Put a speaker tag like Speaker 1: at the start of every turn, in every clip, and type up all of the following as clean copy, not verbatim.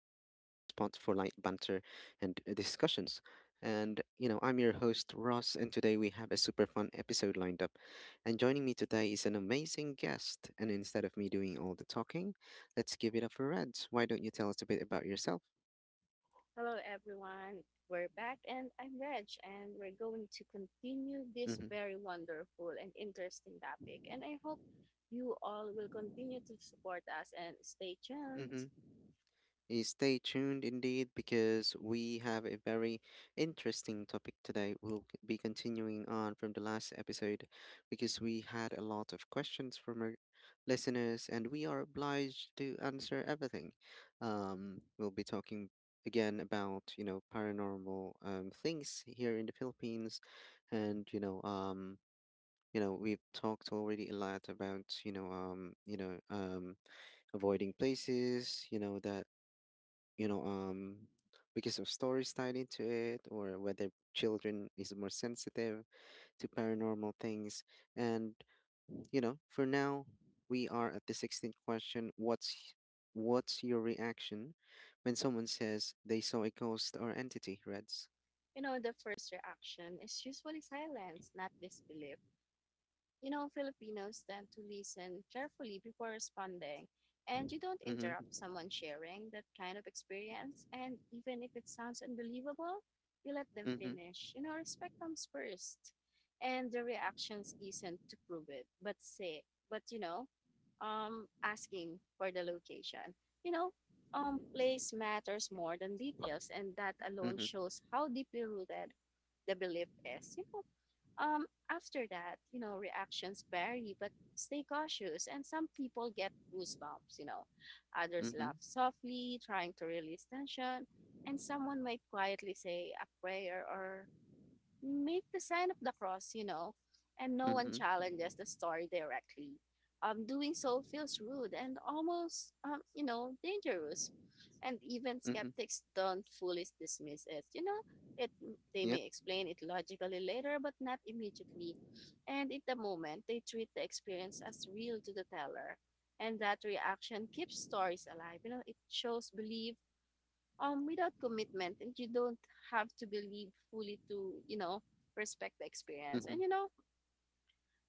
Speaker 1: for light banter and discussions. And I'm your host, Ross, and today we have a super fun episode lined up. And joining me today is an amazing guest. And instead of me doing all the talking, let's give it up for Reds. Why don't you tell us a bit about yourself?
Speaker 2: Hello, everyone. We're back, and I'm Reg, and we're going to continue this
Speaker 1: Mm-hmm.
Speaker 2: very wonderful and interesting topic. And I hope you all will continue to support us and stay tuned.
Speaker 1: Mm-hmm. Stay tuned indeed because we have a very interesting topic today. We'll be continuing on from the last episode because we had a lot of questions from our listeners and we are obliged to answer everything. We'll be talking again about, paranormal things here in the Philippines and we've talked already a lot about, avoiding places, that you know um because of stories tied into it, or whether children is more sensitive to paranormal things. And for now we are at the 16th question. What's your reaction when someone says they saw a ghost or entity, Reds?
Speaker 2: You know, the first reaction is usually silence, not disbelief. You know, Filipinos tend to listen carefully before responding, and you don't
Speaker 1: Mm-hmm.
Speaker 2: interrupt someone sharing that kind of experience. And even if it sounds unbelievable, you let them
Speaker 1: Mm-hmm.
Speaker 2: finish. You know, respect comes first, and the reactions isn't to prove it, but say, but you know, asking for the location. You know, place matters more than details, and that alone
Speaker 1: Mm-hmm.
Speaker 2: shows how deeply rooted the belief is, you know, after that, you know, reactions vary, but stay cautious. And some people get goosebumps, you know, others laugh
Speaker 1: Mm-hmm.
Speaker 2: softly, trying to release tension, and someone might quietly say a prayer or make the sign of the cross, you know, and no one
Speaker 1: Mm-hmm.
Speaker 2: challenges the story directly. Doing so feels rude and almost, you know, dangerous. And even
Speaker 1: Mm-hmm.
Speaker 2: skeptics don't fully dismiss it. You know, it they
Speaker 1: Yep.
Speaker 2: may explain it logically later, but not immediately. And in the moment, they treat the experience as real to the teller. And that reaction keeps stories alive. You know, it shows belief without commitment, and you don't have to believe fully to, you know, respect the experience. And you
Speaker 1: Mm-hmm.
Speaker 2: know,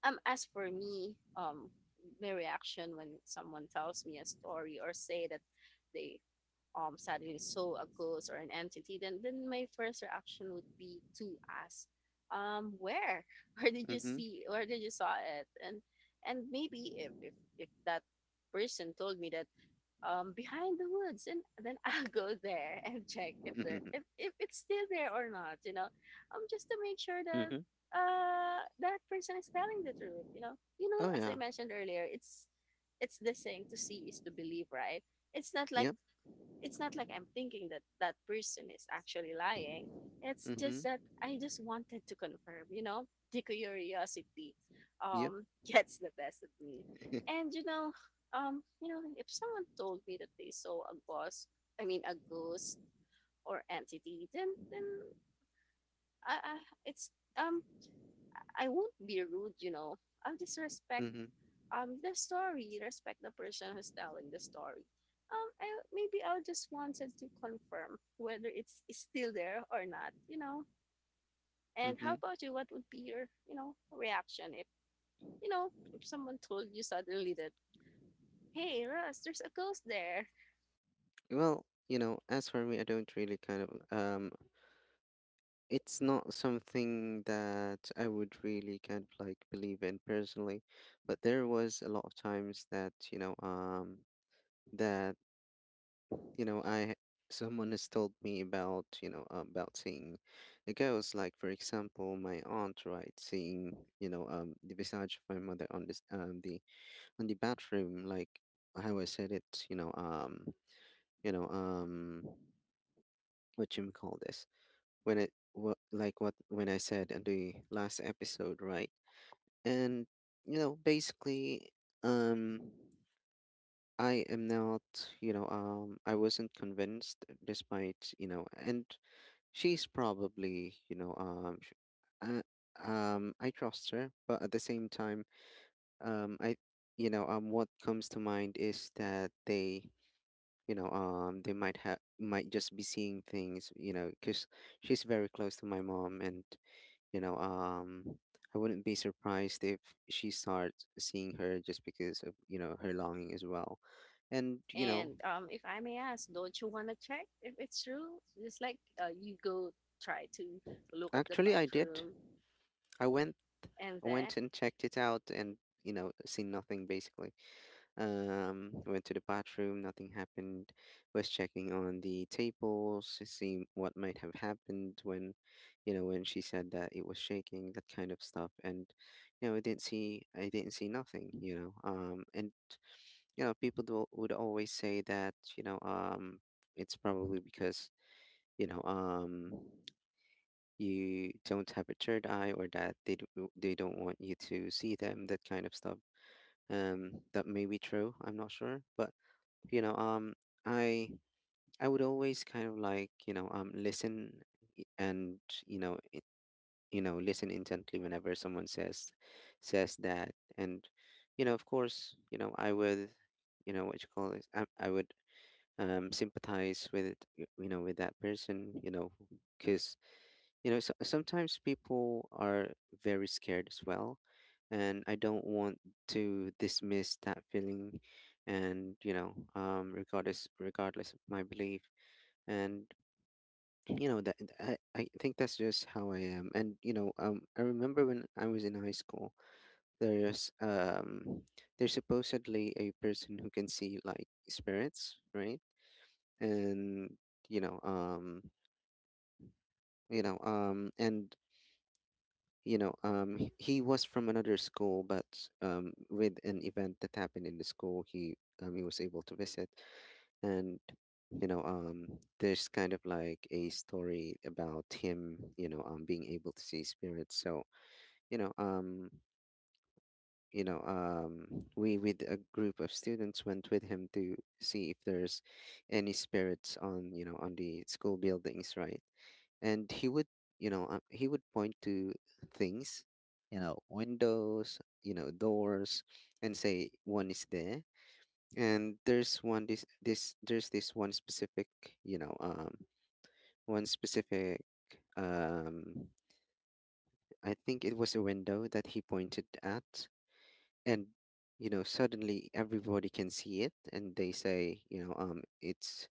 Speaker 2: as for me, my reaction when someone tells me a story or say that they suddenly saw a ghost or an entity, then my first reaction would be to ask, where where did you
Speaker 1: Mm-hmm.
Speaker 2: see where did you saw it. And and maybe if that person told me that, behind the woods, and then I'll go there and check if
Speaker 1: Mm-hmm.
Speaker 2: it's still there or not. You know, just to make sure that
Speaker 1: Mm-hmm.
Speaker 2: that person is telling the truth. You know,
Speaker 1: Oh
Speaker 2: as I
Speaker 1: yeah.
Speaker 2: mentioned earlier, it's the saying to see is to believe, right? It's not like
Speaker 1: yep
Speaker 2: it's not like I'm thinking that that person is actually lying. It's just
Speaker 1: mm-hmm
Speaker 2: that I just wanted to confirm, you know, the curiosity
Speaker 1: yep.
Speaker 2: um gets the best of me. And you know, if someone told me that they saw a ghost, I mean a ghost or entity, then I, I it's um I won't be rude, you know. I'll just respect
Speaker 1: Mm-hmm.
Speaker 2: the story, respect the person who's telling the story. I Maybe I just wanted to confirm whether it's still there or not, you know. And how
Speaker 1: Mm-hmm.
Speaker 2: about you? What would be your, you know, reaction if, you know, if someone told you suddenly that hey Russ, there's a ghost there?
Speaker 1: Well, as for me, I don't really um it's not something that I would really kind of like believe in personally, but there was a lot of times that, you know, I someone has told me about, about seeing a ghost. Like for example, my aunt, right, seeing, the visage of my mother on this, the on the bathroom, like how I said it, you know, um what you call this? Like what when I said in the last episode, right? And basically, um, I am not, I wasn't convinced, despite and she's probably, uh, I trust her, but at the same time, I, what comes to mind is that they. They might just be seeing things. Because she's very close to my mom, and you know, um, I wouldn't be surprised if she starts seeing her just because of, her longing as well. And, you
Speaker 2: And
Speaker 1: know,
Speaker 2: if I may ask, don't you want to check if it's true, just like, you go try to look at the
Speaker 1: actually I did.
Speaker 2: bathroom
Speaker 1: I went
Speaker 2: and
Speaker 1: I
Speaker 2: then?
Speaker 1: went and checked it out and, seen nothing basically. Went to the bathroom, nothing happened. Was checking on the tables, seeing what might have happened when, when she said that it was shaking, that kind of stuff. And, I didn't see nothing. And people would always say that, it's probably because you know um you don't have a third eye, or that they do, they don't want you to see them, that kind of stuff. That may be true, I'm not sure, but you know um i I would always kind of like, listen. I- and you know you know listen intently whenever someone says that. And of course, I would, what you call this, I would, sympathize with, with that person, you know. Because so, sometimes people are very scared as well, and I don't want to dismiss that feeling. And regardless, regardless of my belief. And you know that I think that's just how I am. And I remember when I was in high school there's, there's supposedly a person who can see like spirits, right? And you know um you know and you know he was from another school, but with an event that happened in the school, he was able to visit. And you know um there's kind of like a story about him, being able to see spirits. So you know um we, with a group of students, went with him to see if there's any spirits on, on the school buildings, right? And he would point to things, windows, doors, and say one is there. And there's one, this there's this one specific, you know um one specific, um I think it was a window that he pointed at. And suddenly everybody can see it, and they say, it's,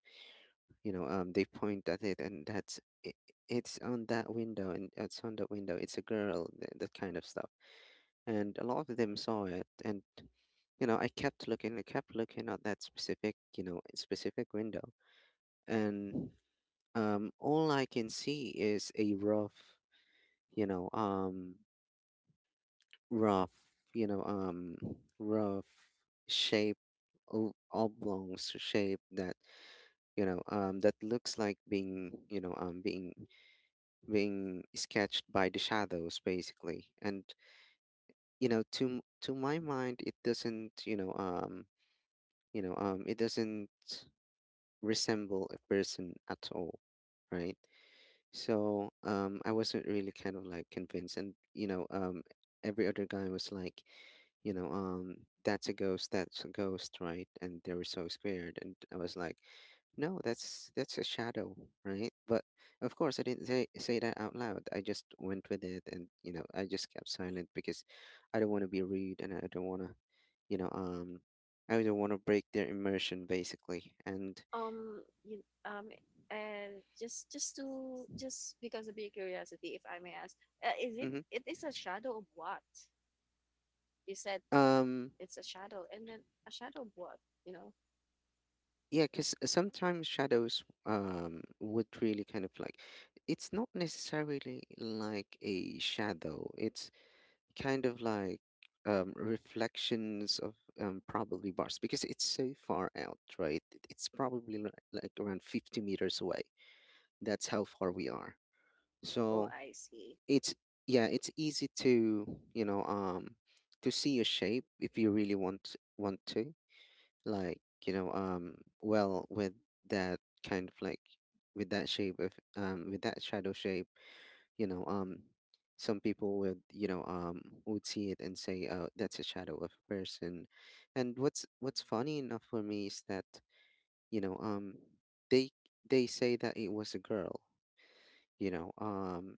Speaker 1: they point at it, and that's it, it's on that window. And it's on that window, it's a girl, that kind of stuff. And a lot of them saw it. And I kept looking at that specific, specific window. And all I can see is a rough you know rough you know rough shape, oblong shape, that that looks like being you know being being sketched by the shadows basically. And to my mind it doesn't, it doesn't resemble a person at all, right? So I wasn't really kind of like convinced. And every other guy was like, you know um that's a ghost, that's a ghost, right? And they were so scared, and I was like, no, that's a shadow, right? But of course, I didn't say that out loud. I just went with it, and I just kept silent, because I don't want to be rude, and I don't want to, you know, um, I don't want to break their immersion, basically. And
Speaker 2: Um, you, um, and just to just because of your curiosity, if I may ask, is it
Speaker 1: mhm.
Speaker 2: it is a shadow of what? You said
Speaker 1: um,
Speaker 2: it's a shadow, and then a shadow of what? You know?
Speaker 1: yeah, because sometimes shadows would really kind of like, it's not necessarily like a shadow. It's kind of like, reflections of, probably bars, because it's so far out, right? It's probably like around 50 meters away. That's how far we are.
Speaker 2: Oh,
Speaker 1: So
Speaker 2: I see.
Speaker 1: it's, yeah, it's easy to, to see a shape if you really want to. Like, well, with that kind of like, with that shape of, with that shadow shape, you know um some people would, would see it and say, oh, that's a shadow of a person. And what's funny enough for me is that, you know um they they say that it was a girl, you know um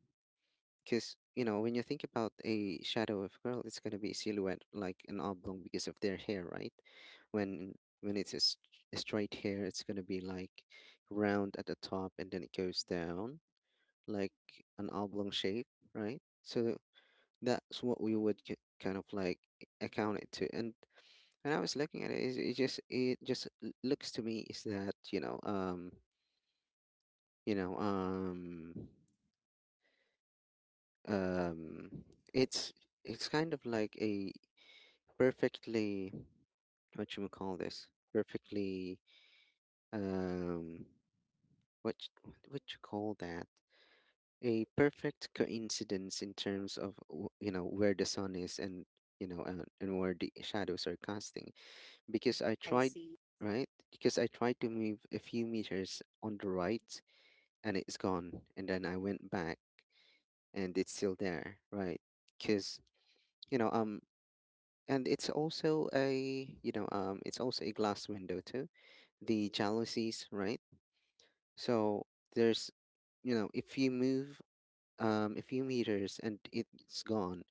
Speaker 1: because, when you think about a shadow of a girl, it's going to be silhouette, like an oblong, because of their hair, right? When when it's a, a straight hair, it's going to be like round at the top, and then it goes down like an oblong shape, right? So that's what we would, kind of like account it to. And when I was looking at it, it just looks to me is that, you know um um it's it's kind of like a perfectly, what you would call this, perfectly, um what you call that, a perfect coincidence in terms of, you know, where the sun is, and and where the shadows are casting, because I
Speaker 2: I
Speaker 1: tried,
Speaker 2: see.
Speaker 1: right? Because I tried to move a few meters on the right, and it's gone. And then I went back, and it's still there, right? Because, you know, um, and it's also a, it's also a glass window too, the jalousies, right? So there's, if you move, a few meters and it's gone,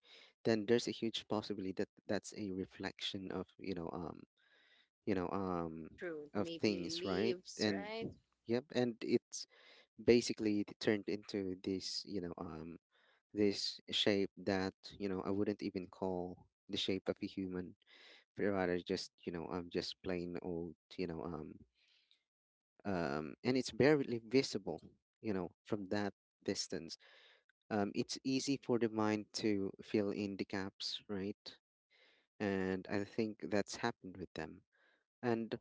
Speaker 1: then there's a huge possibility that that's a reflection of, you know um
Speaker 2: True.
Speaker 1: of
Speaker 2: Maybe
Speaker 1: things, right?
Speaker 2: leaves,
Speaker 1: And
Speaker 2: right?
Speaker 1: yep, and it's basically turned into this, this shape that, I wouldn't even call the shape of a human, but rather just, just plain old, and it's barely visible, from that distance. It's easy for the mind to fill in the gaps, right? And I think that's happened with them. And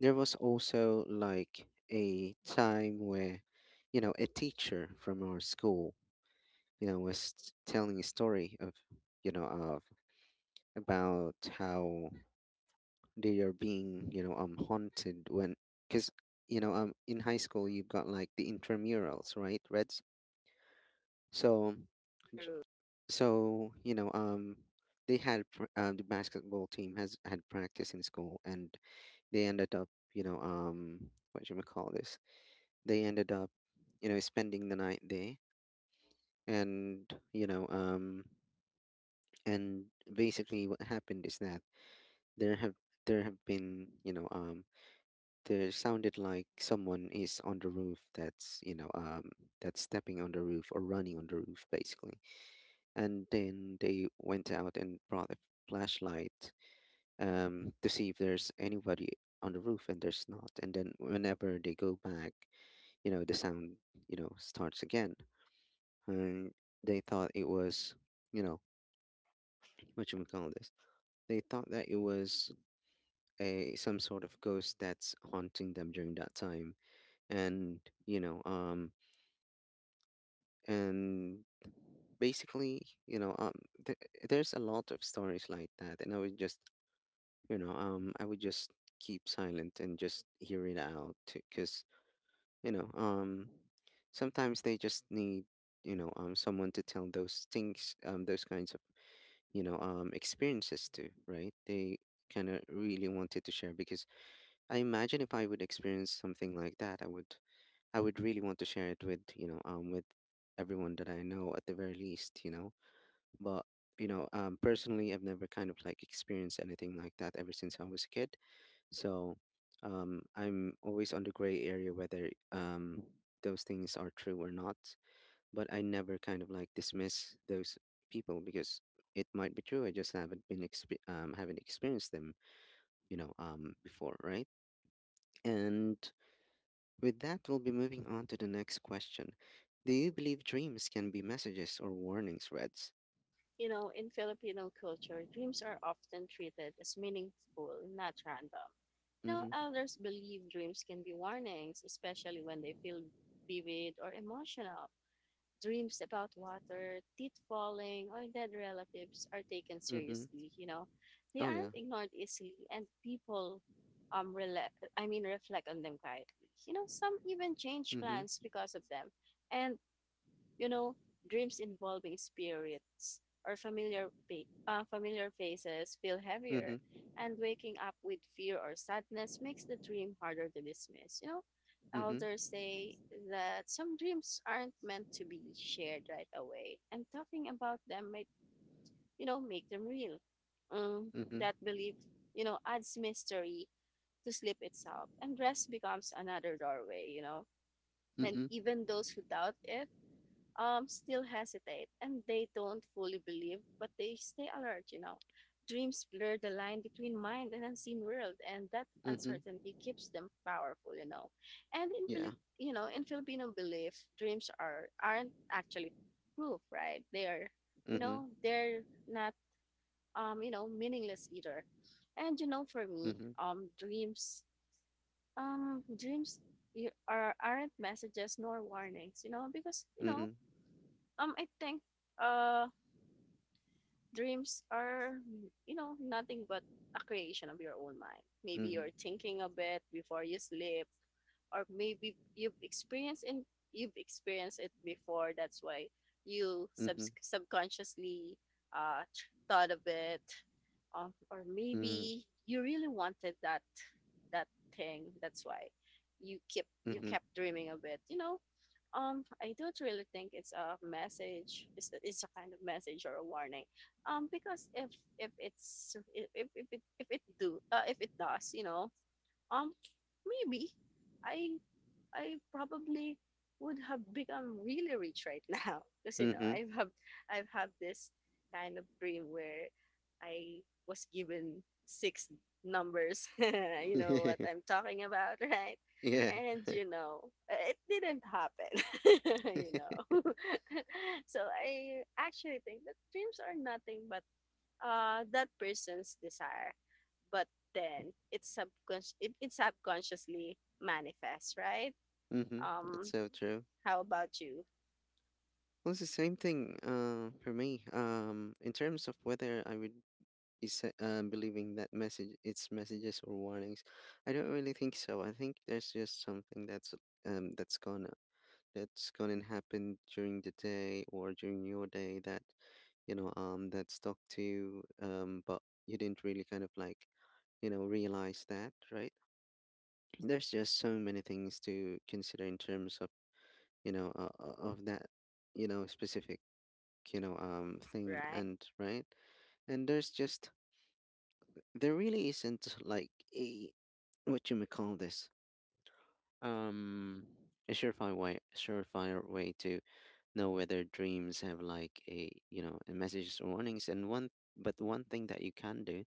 Speaker 1: there was also like a time where, a teacher from our school, was telling a story of, you know, of about how they are being, haunted, when, because, in high school you've got like the intramurals, right, Reds? So, j-
Speaker 2: True.
Speaker 1: so you know, um, the basketball team has had practice in school, and they ended up, what do you call this? They ended up spending the night there. And you know um and basically what happened is that there have there have been there sounded like someone is on the roof, that's you know that's stepping on the roof or running on the roof basically. And then they went out and brought a flashlight to see if there's anybody on the roof, and there's not. And then whenever they go back, the sound starts again. And they thought it was, you know, what you call this? They thought that it was a some sort of ghost that's haunting them during that time, and you know, um, and basically, th- there's a lot of stories like that, and I would just, I would just keep silent and just hear it out, because you know, um, sometimes they just need, someone to tell those things, those kinds of experiences too, right? They kind of really wanted to share, because I imagine if I would experience something like that, I would really want to share it with everyone that I know, at the very least. But personally, I've never kind of like experienced anything like that ever since I was a kid. So I'm always on the gray area whether those things are true or not. But I never kind of like dismiss those people because it might be true. I just haven't been haven't experienced them, before, right? And with that, we'll be moving on to the next question. Do you believe dreams can be messages or warnings, Reds?
Speaker 2: You know, in Filipino culture, dreams are often treated as meaningful, not random. You know,
Speaker 1: Mm-hmm.
Speaker 2: elders believe dreams can be warnings, especially when they feel vivid or emotional. Dreams about water, teeth falling, or dead relatives are taken
Speaker 1: Mm-hmm.
Speaker 2: seriously. You know, they
Speaker 1: Oh yeah.
Speaker 2: aren't ignored easily, and people, um, rela- I mean, reflect on them quietly. You know, some even change
Speaker 1: Mm-hmm.
Speaker 2: plans because of them, and you know, dreams involving spirits or familiar faces feel heavier,
Speaker 1: Mm-hmm.
Speaker 2: and waking up with fear or sadness makes the dream harder to dismiss. You know,
Speaker 1: Mm-hmm.
Speaker 2: elders say that some dreams aren't meant to be shared right away, and talking about them might, you know, make them real. Um,
Speaker 1: Mm-hmm.
Speaker 2: that belief, you know, adds mystery to sleep itself, and rest becomes another doorway. You know, and
Speaker 1: Mm-hmm.
Speaker 2: even those who doubt it still hesitate and they don't fully believe, but they stay alert, you know. Dreams blur the line between mind and unseen world, and that
Speaker 1: Mm-hmm.
Speaker 2: uncertainty keeps them powerful, you know. And in
Speaker 1: Yeah.
Speaker 2: Filip, you know, in Filipino belief, dreams aren't actually proof, right? They are, you
Speaker 1: Mm-hmm.
Speaker 2: know, they're not, you know, meaningless either. And you know, for me,
Speaker 1: Mm-hmm.
Speaker 2: dreams you are aren't messages nor warnings, you know, because you know
Speaker 1: Mm-hmm.
Speaker 2: I think uh dreams are, you know, nothing but a creation of your own mind. Maybe you're
Speaker 1: Mm-hmm.
Speaker 2: thinking a bit before you sleep, or maybe you've experienced it before. That's why you subconsciously thought of it, or
Speaker 1: Mm-hmm.
Speaker 2: maybe you really wanted that that thing. That's why you
Speaker 1: Mm-hmm.
Speaker 2: kept dreaming of it. You know, I don't really think it's a message. It's a kind of message or a warning. Because if it's if it do if it does, you know, um, maybe I I probably would have become really rich right now because you know
Speaker 1: Mm-hmm.
Speaker 2: I've had this kind of dream where I was given six numbers. You know what
Speaker 1: Mm-hmm.
Speaker 2: I'm talking about, right?
Speaker 1: Yeah.
Speaker 2: And you know, it didn't happen. You know, so I actually think that dreams are nothing but that person's desire, but then it subconsciously manifests, right?
Speaker 1: Mm-hmm. That's
Speaker 2: Um,
Speaker 1: so true.
Speaker 2: how about you?
Speaker 1: Well, it's the same thing for me. In terms of whether I would be believing that messages or warnings, I don't really think so. I think there's just something that's gonna happen during the day or during your day that that's stuck to you, but you didn't really kind of like realize that, right? There's just so many things to consider in terms of of that you know specific thing,
Speaker 2: Right?
Speaker 1: and right. And there's just there really isn't like a what you may call this, um a surefire way to know whether dreams have like a a messages or warnings. And one thing that you can do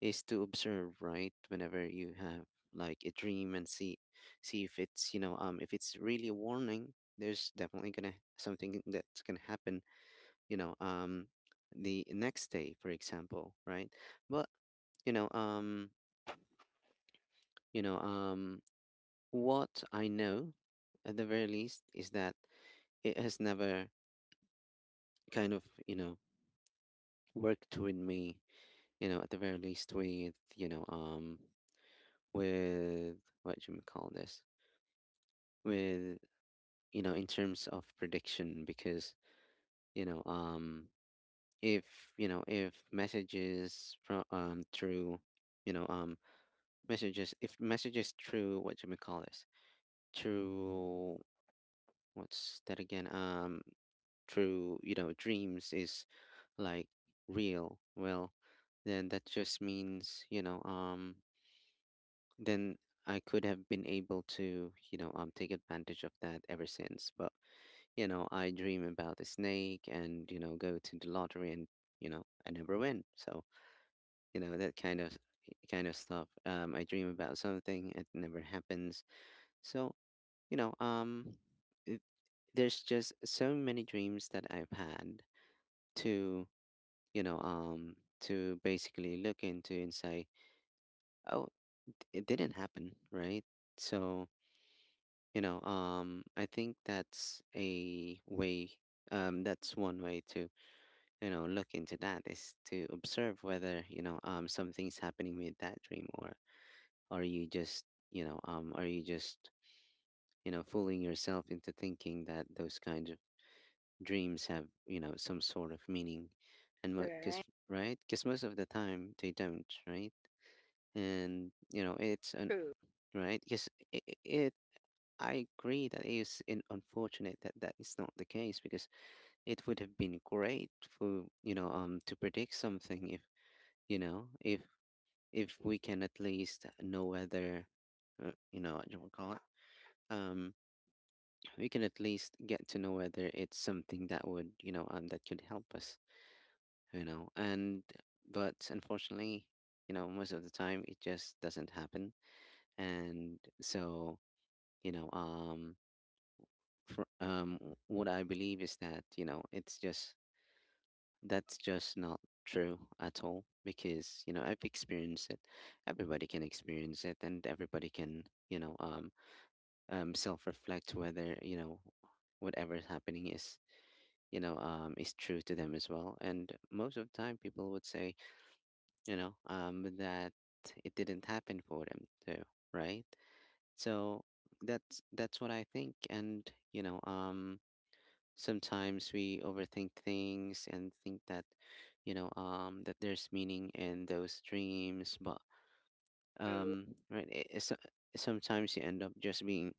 Speaker 1: is to observe, right? Whenever you have like a dream and see if it's if it's really a warning, there's definitely gonna something that's gonna happen you know um the next day, for example, right? But you know um you know um what I know, at the very least, is that it has never kind of worked with me, at the very least, with with what do you call this, with in terms of prediction. Because you know um if if messages from through you know um messages, if messages through what do we call this, through what's that again, through dreams is like real, well, then that just means then I could have been able to take advantage of that ever since. But I dream about a snake and go to the lottery, and I never win. So that kind of stuff. I dream about something, it never happens. So you know, um, it, there's just so many dreams that I've had to, to basically look into and say, oh, it didn't happen, right? So, I think that's a way, that's one way to, look into that is to observe whether, something's happening with that dream, or are you just, are you just, fooling yourself into thinking that those kinds of dreams have some sort of meaning. And
Speaker 2: Right?
Speaker 1: because right, because most of the time they don't, right? And it's an
Speaker 2: True.
Speaker 1: right, yes, it I agree that it is in unfortunate that that is not the case, because it would have been great for to predict something if if if we can at least know whether, what do we call it, um we can at least get to know whether it's something that would that could help us. And but unfortunately, most of the time it just doesn't happen. And so you know um for, what I believe is that it's just that's just not true at all, because I've experienced it. Everybody can experience it, and everybody can self reflect whether whatever is happening is is true to them as well. And most of the time people would say that it didn't happen for them too, right? So that's what I think. And sometimes we overthink things and think that, that there's meaning in those dreams. But
Speaker 2: True.
Speaker 1: right, it's, sometimes you end up just being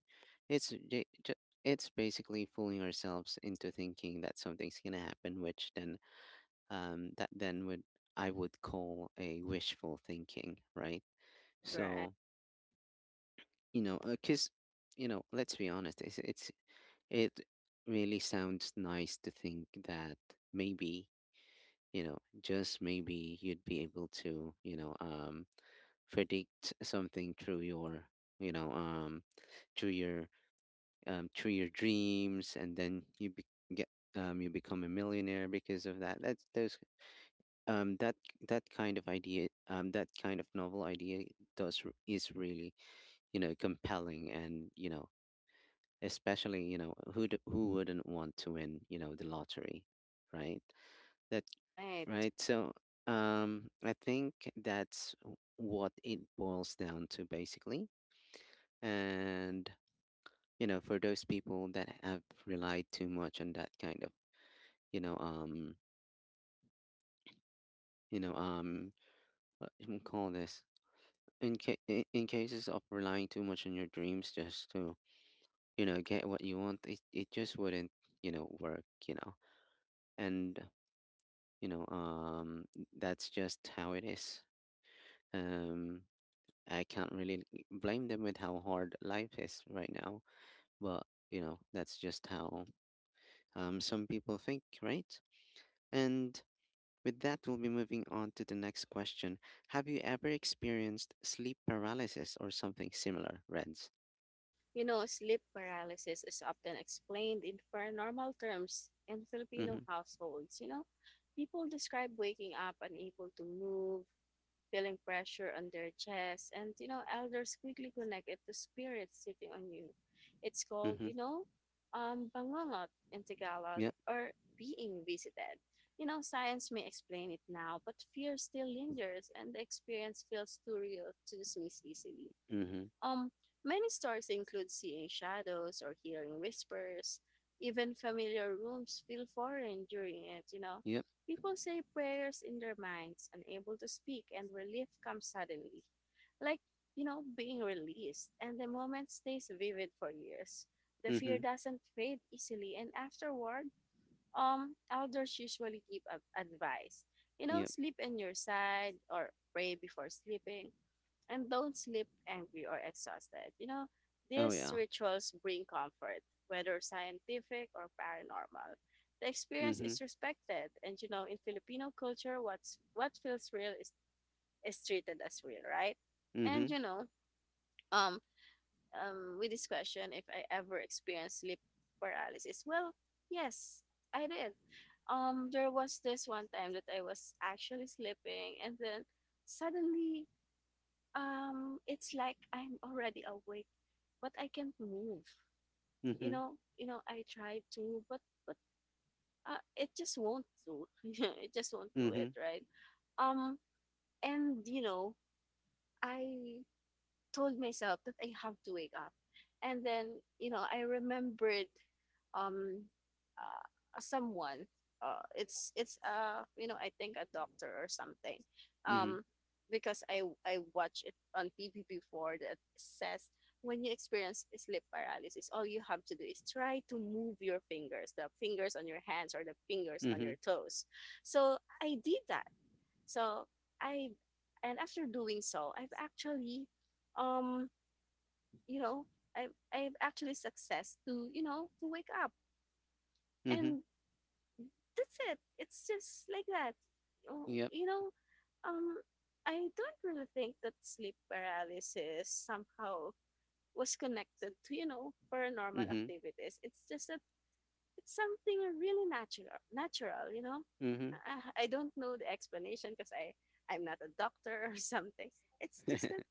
Speaker 1: it's it's basically fooling ourselves into thinking that something's gonna happen, which then that then would I would call a wishful thinking, right?
Speaker 2: Right?
Speaker 1: So because let's be honest, it's it really sounds nice to think that maybe, just maybe you'd be able to predict something through your you know um, through your through your dreams, and then you get, you become a millionaire because of that. That's those um that that kind of idea, that kind of novel idea does is really compelling. And especially who who wouldn't want to win the lottery, right? That
Speaker 2: Right.
Speaker 1: right. So I think that's what it boils down to, basically. And for those people that have relied too much on that kind of you know um you know um what you can call this, in, in cases of relying too much on your dreams just to get what you want, it just wouldn't work, and you know um that's just how it is. um I can't really blame them with how hard life is right now. But that's just how some people think, right? And with that, we'll be moving on to the next question. Have you ever experienced sleep paralysis or something similar, Reds?
Speaker 2: You know, sleep paralysis is often explained in paranormal terms in Filipino
Speaker 1: Mm-hmm,
Speaker 2: households. You know, people describe waking up unable to move, feeling pressure on their chest. And, you know, elders quickly connect it to spirits sitting on you. It's called,
Speaker 1: mm-hmm.
Speaker 2: you know, bangungot in Tagalog
Speaker 1: Yeah.
Speaker 2: or being visited. You know, science may explain it now, but fear still lingers and the experience feels too real to dismiss easily.
Speaker 1: Mhm.
Speaker 2: Um, Many stories include seeing shadows or hearing whispers. Even familiar rooms feel foreign during it, you know.
Speaker 1: Yep.
Speaker 2: People say prayers in their minds, unable to speak, and relief comes suddenly. Like, you know, being released, and the moment stays vivid for years. The fear
Speaker 1: Mhm.
Speaker 2: doesn't fade easily, and afterward, elders usually give advice. You know,
Speaker 1: Yep.
Speaker 2: sleep in your side or pray before sleeping and don't sleep angry or exhausted. You know,
Speaker 1: Oh
Speaker 2: these
Speaker 1: yeah.
Speaker 2: rituals bring comfort, whether scientific or paranormal. The experience is
Speaker 1: Mhm.
Speaker 2: respected, and you know, in Filipino culture, what feels real is treated as real, right? And
Speaker 1: Mhm.
Speaker 2: you know, um, with this question, if I ever experienced sleep paralysis, well, yes, I did. There was this one time that I was actually sleeping, and then suddenly it's like I'm already awake, but I can't move. You
Speaker 1: Mhm.
Speaker 2: know, you know, I try to, but but it just won't do. It just won't do it,
Speaker 1: Mhm.
Speaker 2: right? Um, and you know, I told myself that I have to wake up. And then, you know, I remembered um, someone. It's You know, I think a doctor or something,
Speaker 1: Mhm.
Speaker 2: um, because I watched it on TV before that says when you experience sleep paralysis, all you have to do is try to move your fingers, the fingers on your hands or the fingers on your
Speaker 1: Mhm.
Speaker 2: toes. So I did that. So I and after doing so, I've actually um you know, I I've actually success to, you know, to wake up.
Speaker 1: Mhm.
Speaker 2: And that's it. It's just like that. Oh,
Speaker 1: Yep.
Speaker 2: you know, um I don't really think that sleep paralysis somehow was connected to, you know, paranormal
Speaker 1: Mhm.
Speaker 2: activities. It's just that it's something really natural, you know.
Speaker 1: Mhm.
Speaker 2: I don't know the explanation because I'm not a doctor or something. It's just that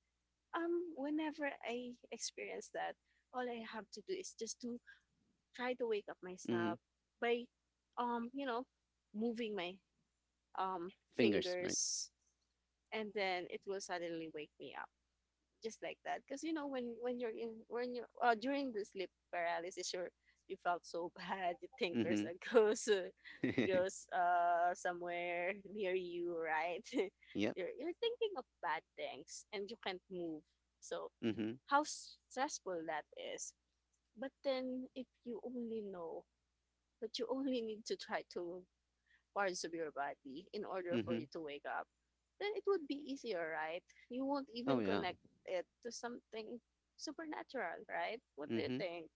Speaker 2: whenever I experience that, all I have to do is just to try to wake up
Speaker 1: Mhm.
Speaker 2: myself by you know, moving my um
Speaker 1: Fingers, right?
Speaker 2: fingers, and then it will suddenly wake me just like that, because you know when you're in when you during the sleep paralysis, you felt so bad, you think there's
Speaker 1: Mhm.
Speaker 2: a ghost, somewhere near you, right?
Speaker 1: Yep.
Speaker 2: You're thinking of bad things and you can't move. So
Speaker 1: Mhm.
Speaker 2: how stressful that is. But then if you only know, but you only need to try to parts of your body in order for you
Speaker 1: Mhm.
Speaker 2: to wake up, then it would be easier, right? You won't
Speaker 1: Oh
Speaker 2: even
Speaker 1: yeah.
Speaker 2: connect it to something supernatural, right? What do you
Speaker 1: Mhm.
Speaker 2: think?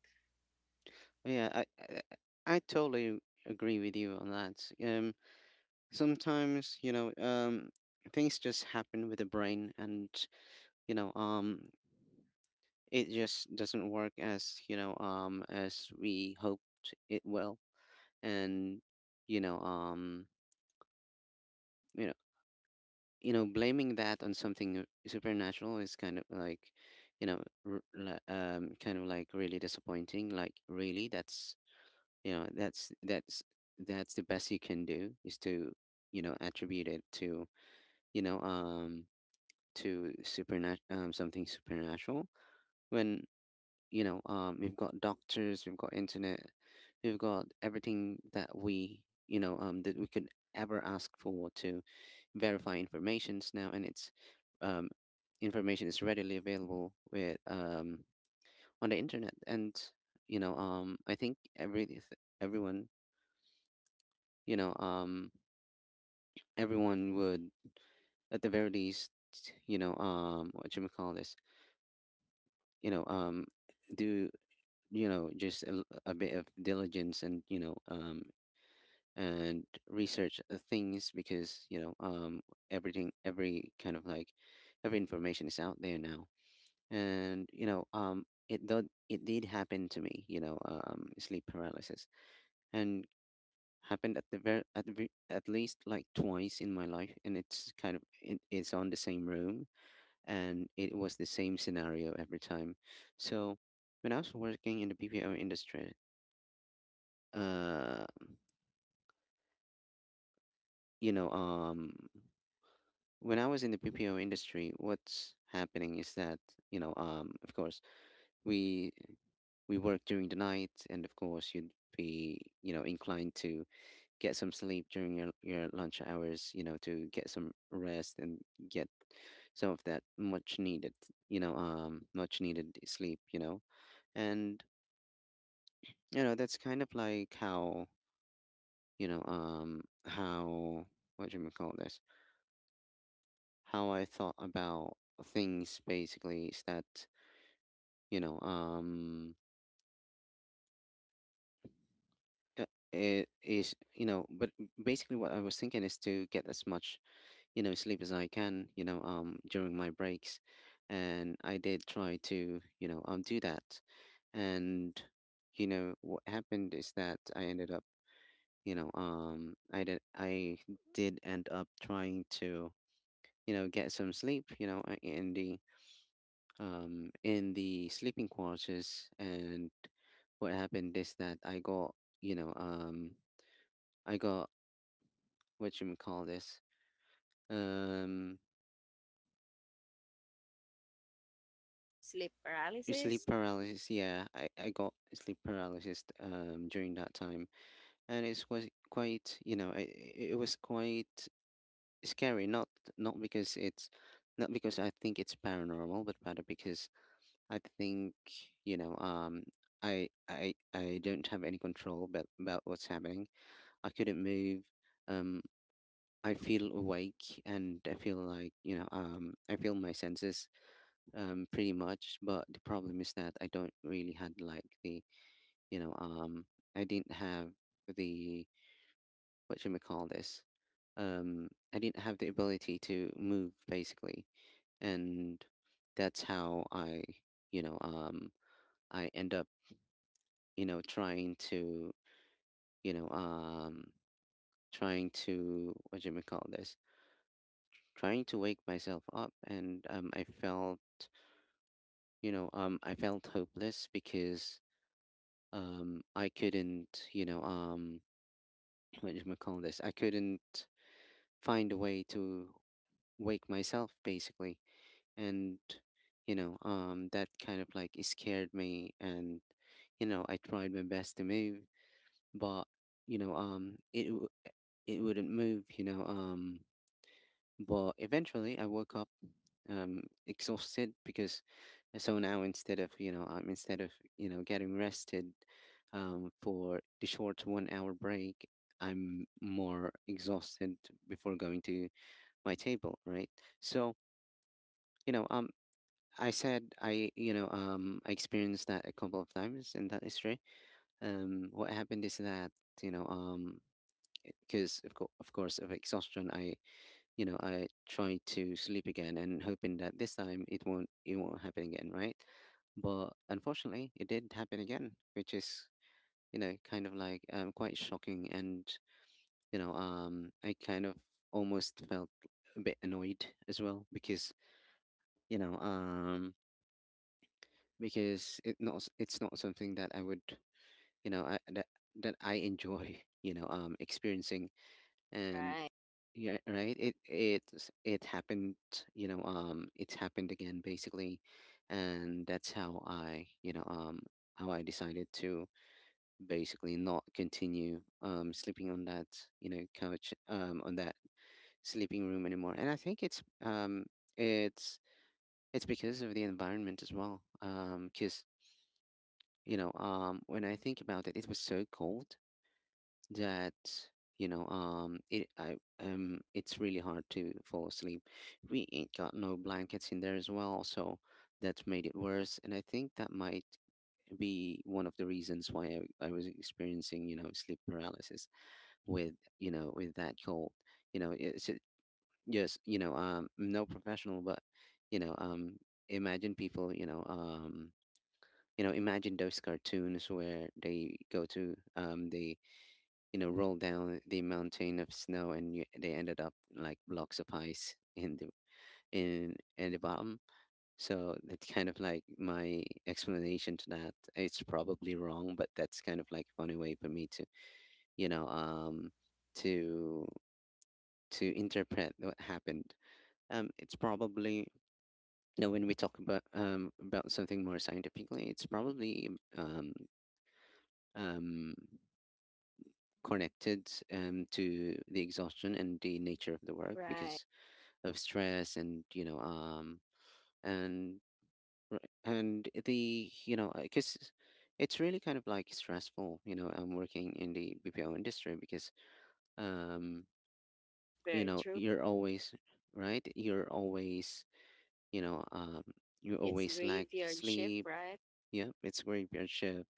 Speaker 1: Yeah. I totally agree with you on that. Sometimes things just happen with the brain, and you know um it just doesn't work as as we hoped it will. And you know um you know blaming that on something supernatural is kind of like kind of like really disappointing. Like, really, that's you know that's the best you can do is to attribute it to you know um to supernat something supernatural, when we've got doctors, we've got internet, we've got everything that we that we could ever ask for to verify informations now. And it's, um information is readily available with, on the internet. And I think everyone, you know um everyone would, at the very least, what you call this, you know um do just a bit of diligence, and and research things, because everything every kind of like every information is out there now. And it did happen to me, sleep paralysis. And happened at the very at, the, ve- at least like twice in my life, and it's kind of it's on the same room, and it was the same scenario every time. So when I was working in the BPO industry, uh you know um when I was in the PPO industry, what's happening is that, of course, we we work during the night. And of course, you'd be, inclined to get some sleep during your lunch hours, to get some rest and get some of that much needed, sleep, you And that's kind of like how. How, what do you call this? How I thought about things basically is that, you know um uh, it is, but basically what I was thinking is to get as much sleep as I can, during my breaks. And I did try to, do that. And what happened is that I ended up, I did end up trying to get some sleep, in the, in the sleeping quarters. And what happened is that I got, you know, um, I got, what you may call this, um,
Speaker 2: Sleep
Speaker 1: sleep
Speaker 2: paralysis?
Speaker 1: paralysis. Yeah, I got sleep paralysis, during that time, and it was quite, it was quite scary. Not, not because it's, not because I think it's paranormal, but rather because I think, you know, um, I don't have any control about what's happening. I couldn't move. Um, I feel awake and I feel like, I feel my senses, pretty much. But the problem is that I don't really had like the, you know, um, I didn't have the, what should we call this? I didn't have the ability to move basically. And that's how I, you know, um, I end up, trying to, you know, um, trying to, what should we call this? Trying to wake myself up. And I felt, I felt hopeless because, I couldn't, what do you call this, I couldn't find a way to wake myself basically. And that kind of like it scared me. And I tried my best to move, but you know um, it, w- it wouldn't move, but eventually, I woke up, exhausted because, so now instead of, instead of getting rested, for the short 1 hour break, I'm more exhausted before going to my table, right? So, you know um. I said I, I experienced that a couple of times in that history. What happened is that, you know um because of, of course, of exhaustion, I, I try to sleep again, and hoping that this time it won't happen again, right? But unfortunately, it did happen again, which is kind of like, quite shocking, and I kind of almost felt a bit annoyed as well because, you know um, because it's not something that I would, you know I that that I enjoy experiencing. And
Speaker 2: Right,
Speaker 1: yeah, right, it it happened, it's happened again basically. And that's how I, how I decided to basically not continue sleeping on that, couch, on that sleeping room anymore. And I think it's, it's it's because of the environment as well, because, when I think about it, it was so cold that, it's really hard to fall asleep. We ain't got no blankets in there as well, so that made it worse. And I think that might be one of the reasons why, I was experiencing, sleep paralysis with, with that cold. you know it's a- yes, I'm no professional, but you know um imagine people, imagine those cartoons where they go to, they, rolled down the mountain of snow, and you, they ended up like blocks of ice in the, in the bottom. So that's kind of like my explanation to that. It's probably wrong, but that's kind of like funny way for me to, you know, um, to to interpret what happened. It's probably, when we talk about something more scientifically, it's probably, um um connected, to the exhaustion and the nature of the work,
Speaker 2: right.
Speaker 1: because of stress and and and the, because it's really kind of like stressful. I'm working in the BPO industry because, um
Speaker 2: Very true.
Speaker 1: you're always right, you're always, you know um you
Speaker 2: It's
Speaker 1: always lack
Speaker 2: graveyard shift,
Speaker 1: sleep.
Speaker 2: right?
Speaker 1: Yeah, it's graveyard shift.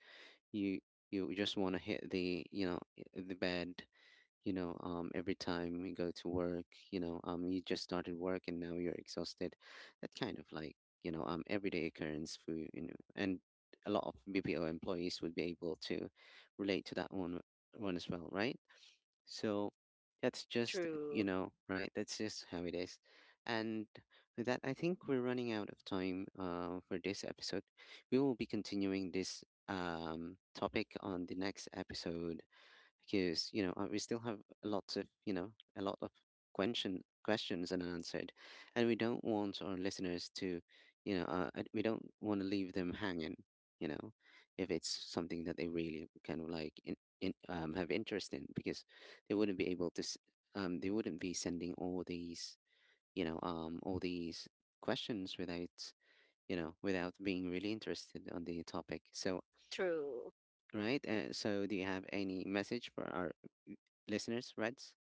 Speaker 1: you you just want to hit the, the bed, every time you go to work. You just started work and now you're exhausted. That kind of like, everyday occurrence for and a lot of BPO employees would be able to relate to that one as well, right? So that's just,
Speaker 2: True,
Speaker 1: right, that's just how it is. And with that, I think we're running out of time for this episode. We will be continuing this topic on the next episode because we still have lots of, a lot of questions unanswered, and we don't want our listeners to, we don't want to leave them hanging. You know, if it's something that they really kind of like in, have interest in, because they wouldn't be able to, they wouldn't be sending all these, all these questions without, without being really interested on the topic. So,
Speaker 2: true.
Speaker 1: right? So, do you have any message for our listeners, Reds?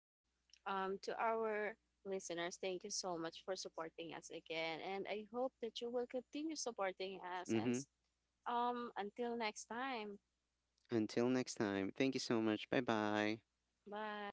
Speaker 2: To our listeners, thank you so much for supporting us again, and I hope that you will continue supporting us. And
Speaker 1: Mm-hmm.
Speaker 2: until next time,
Speaker 1: Until next time, thank you so much. Bye bye.
Speaker 2: bye.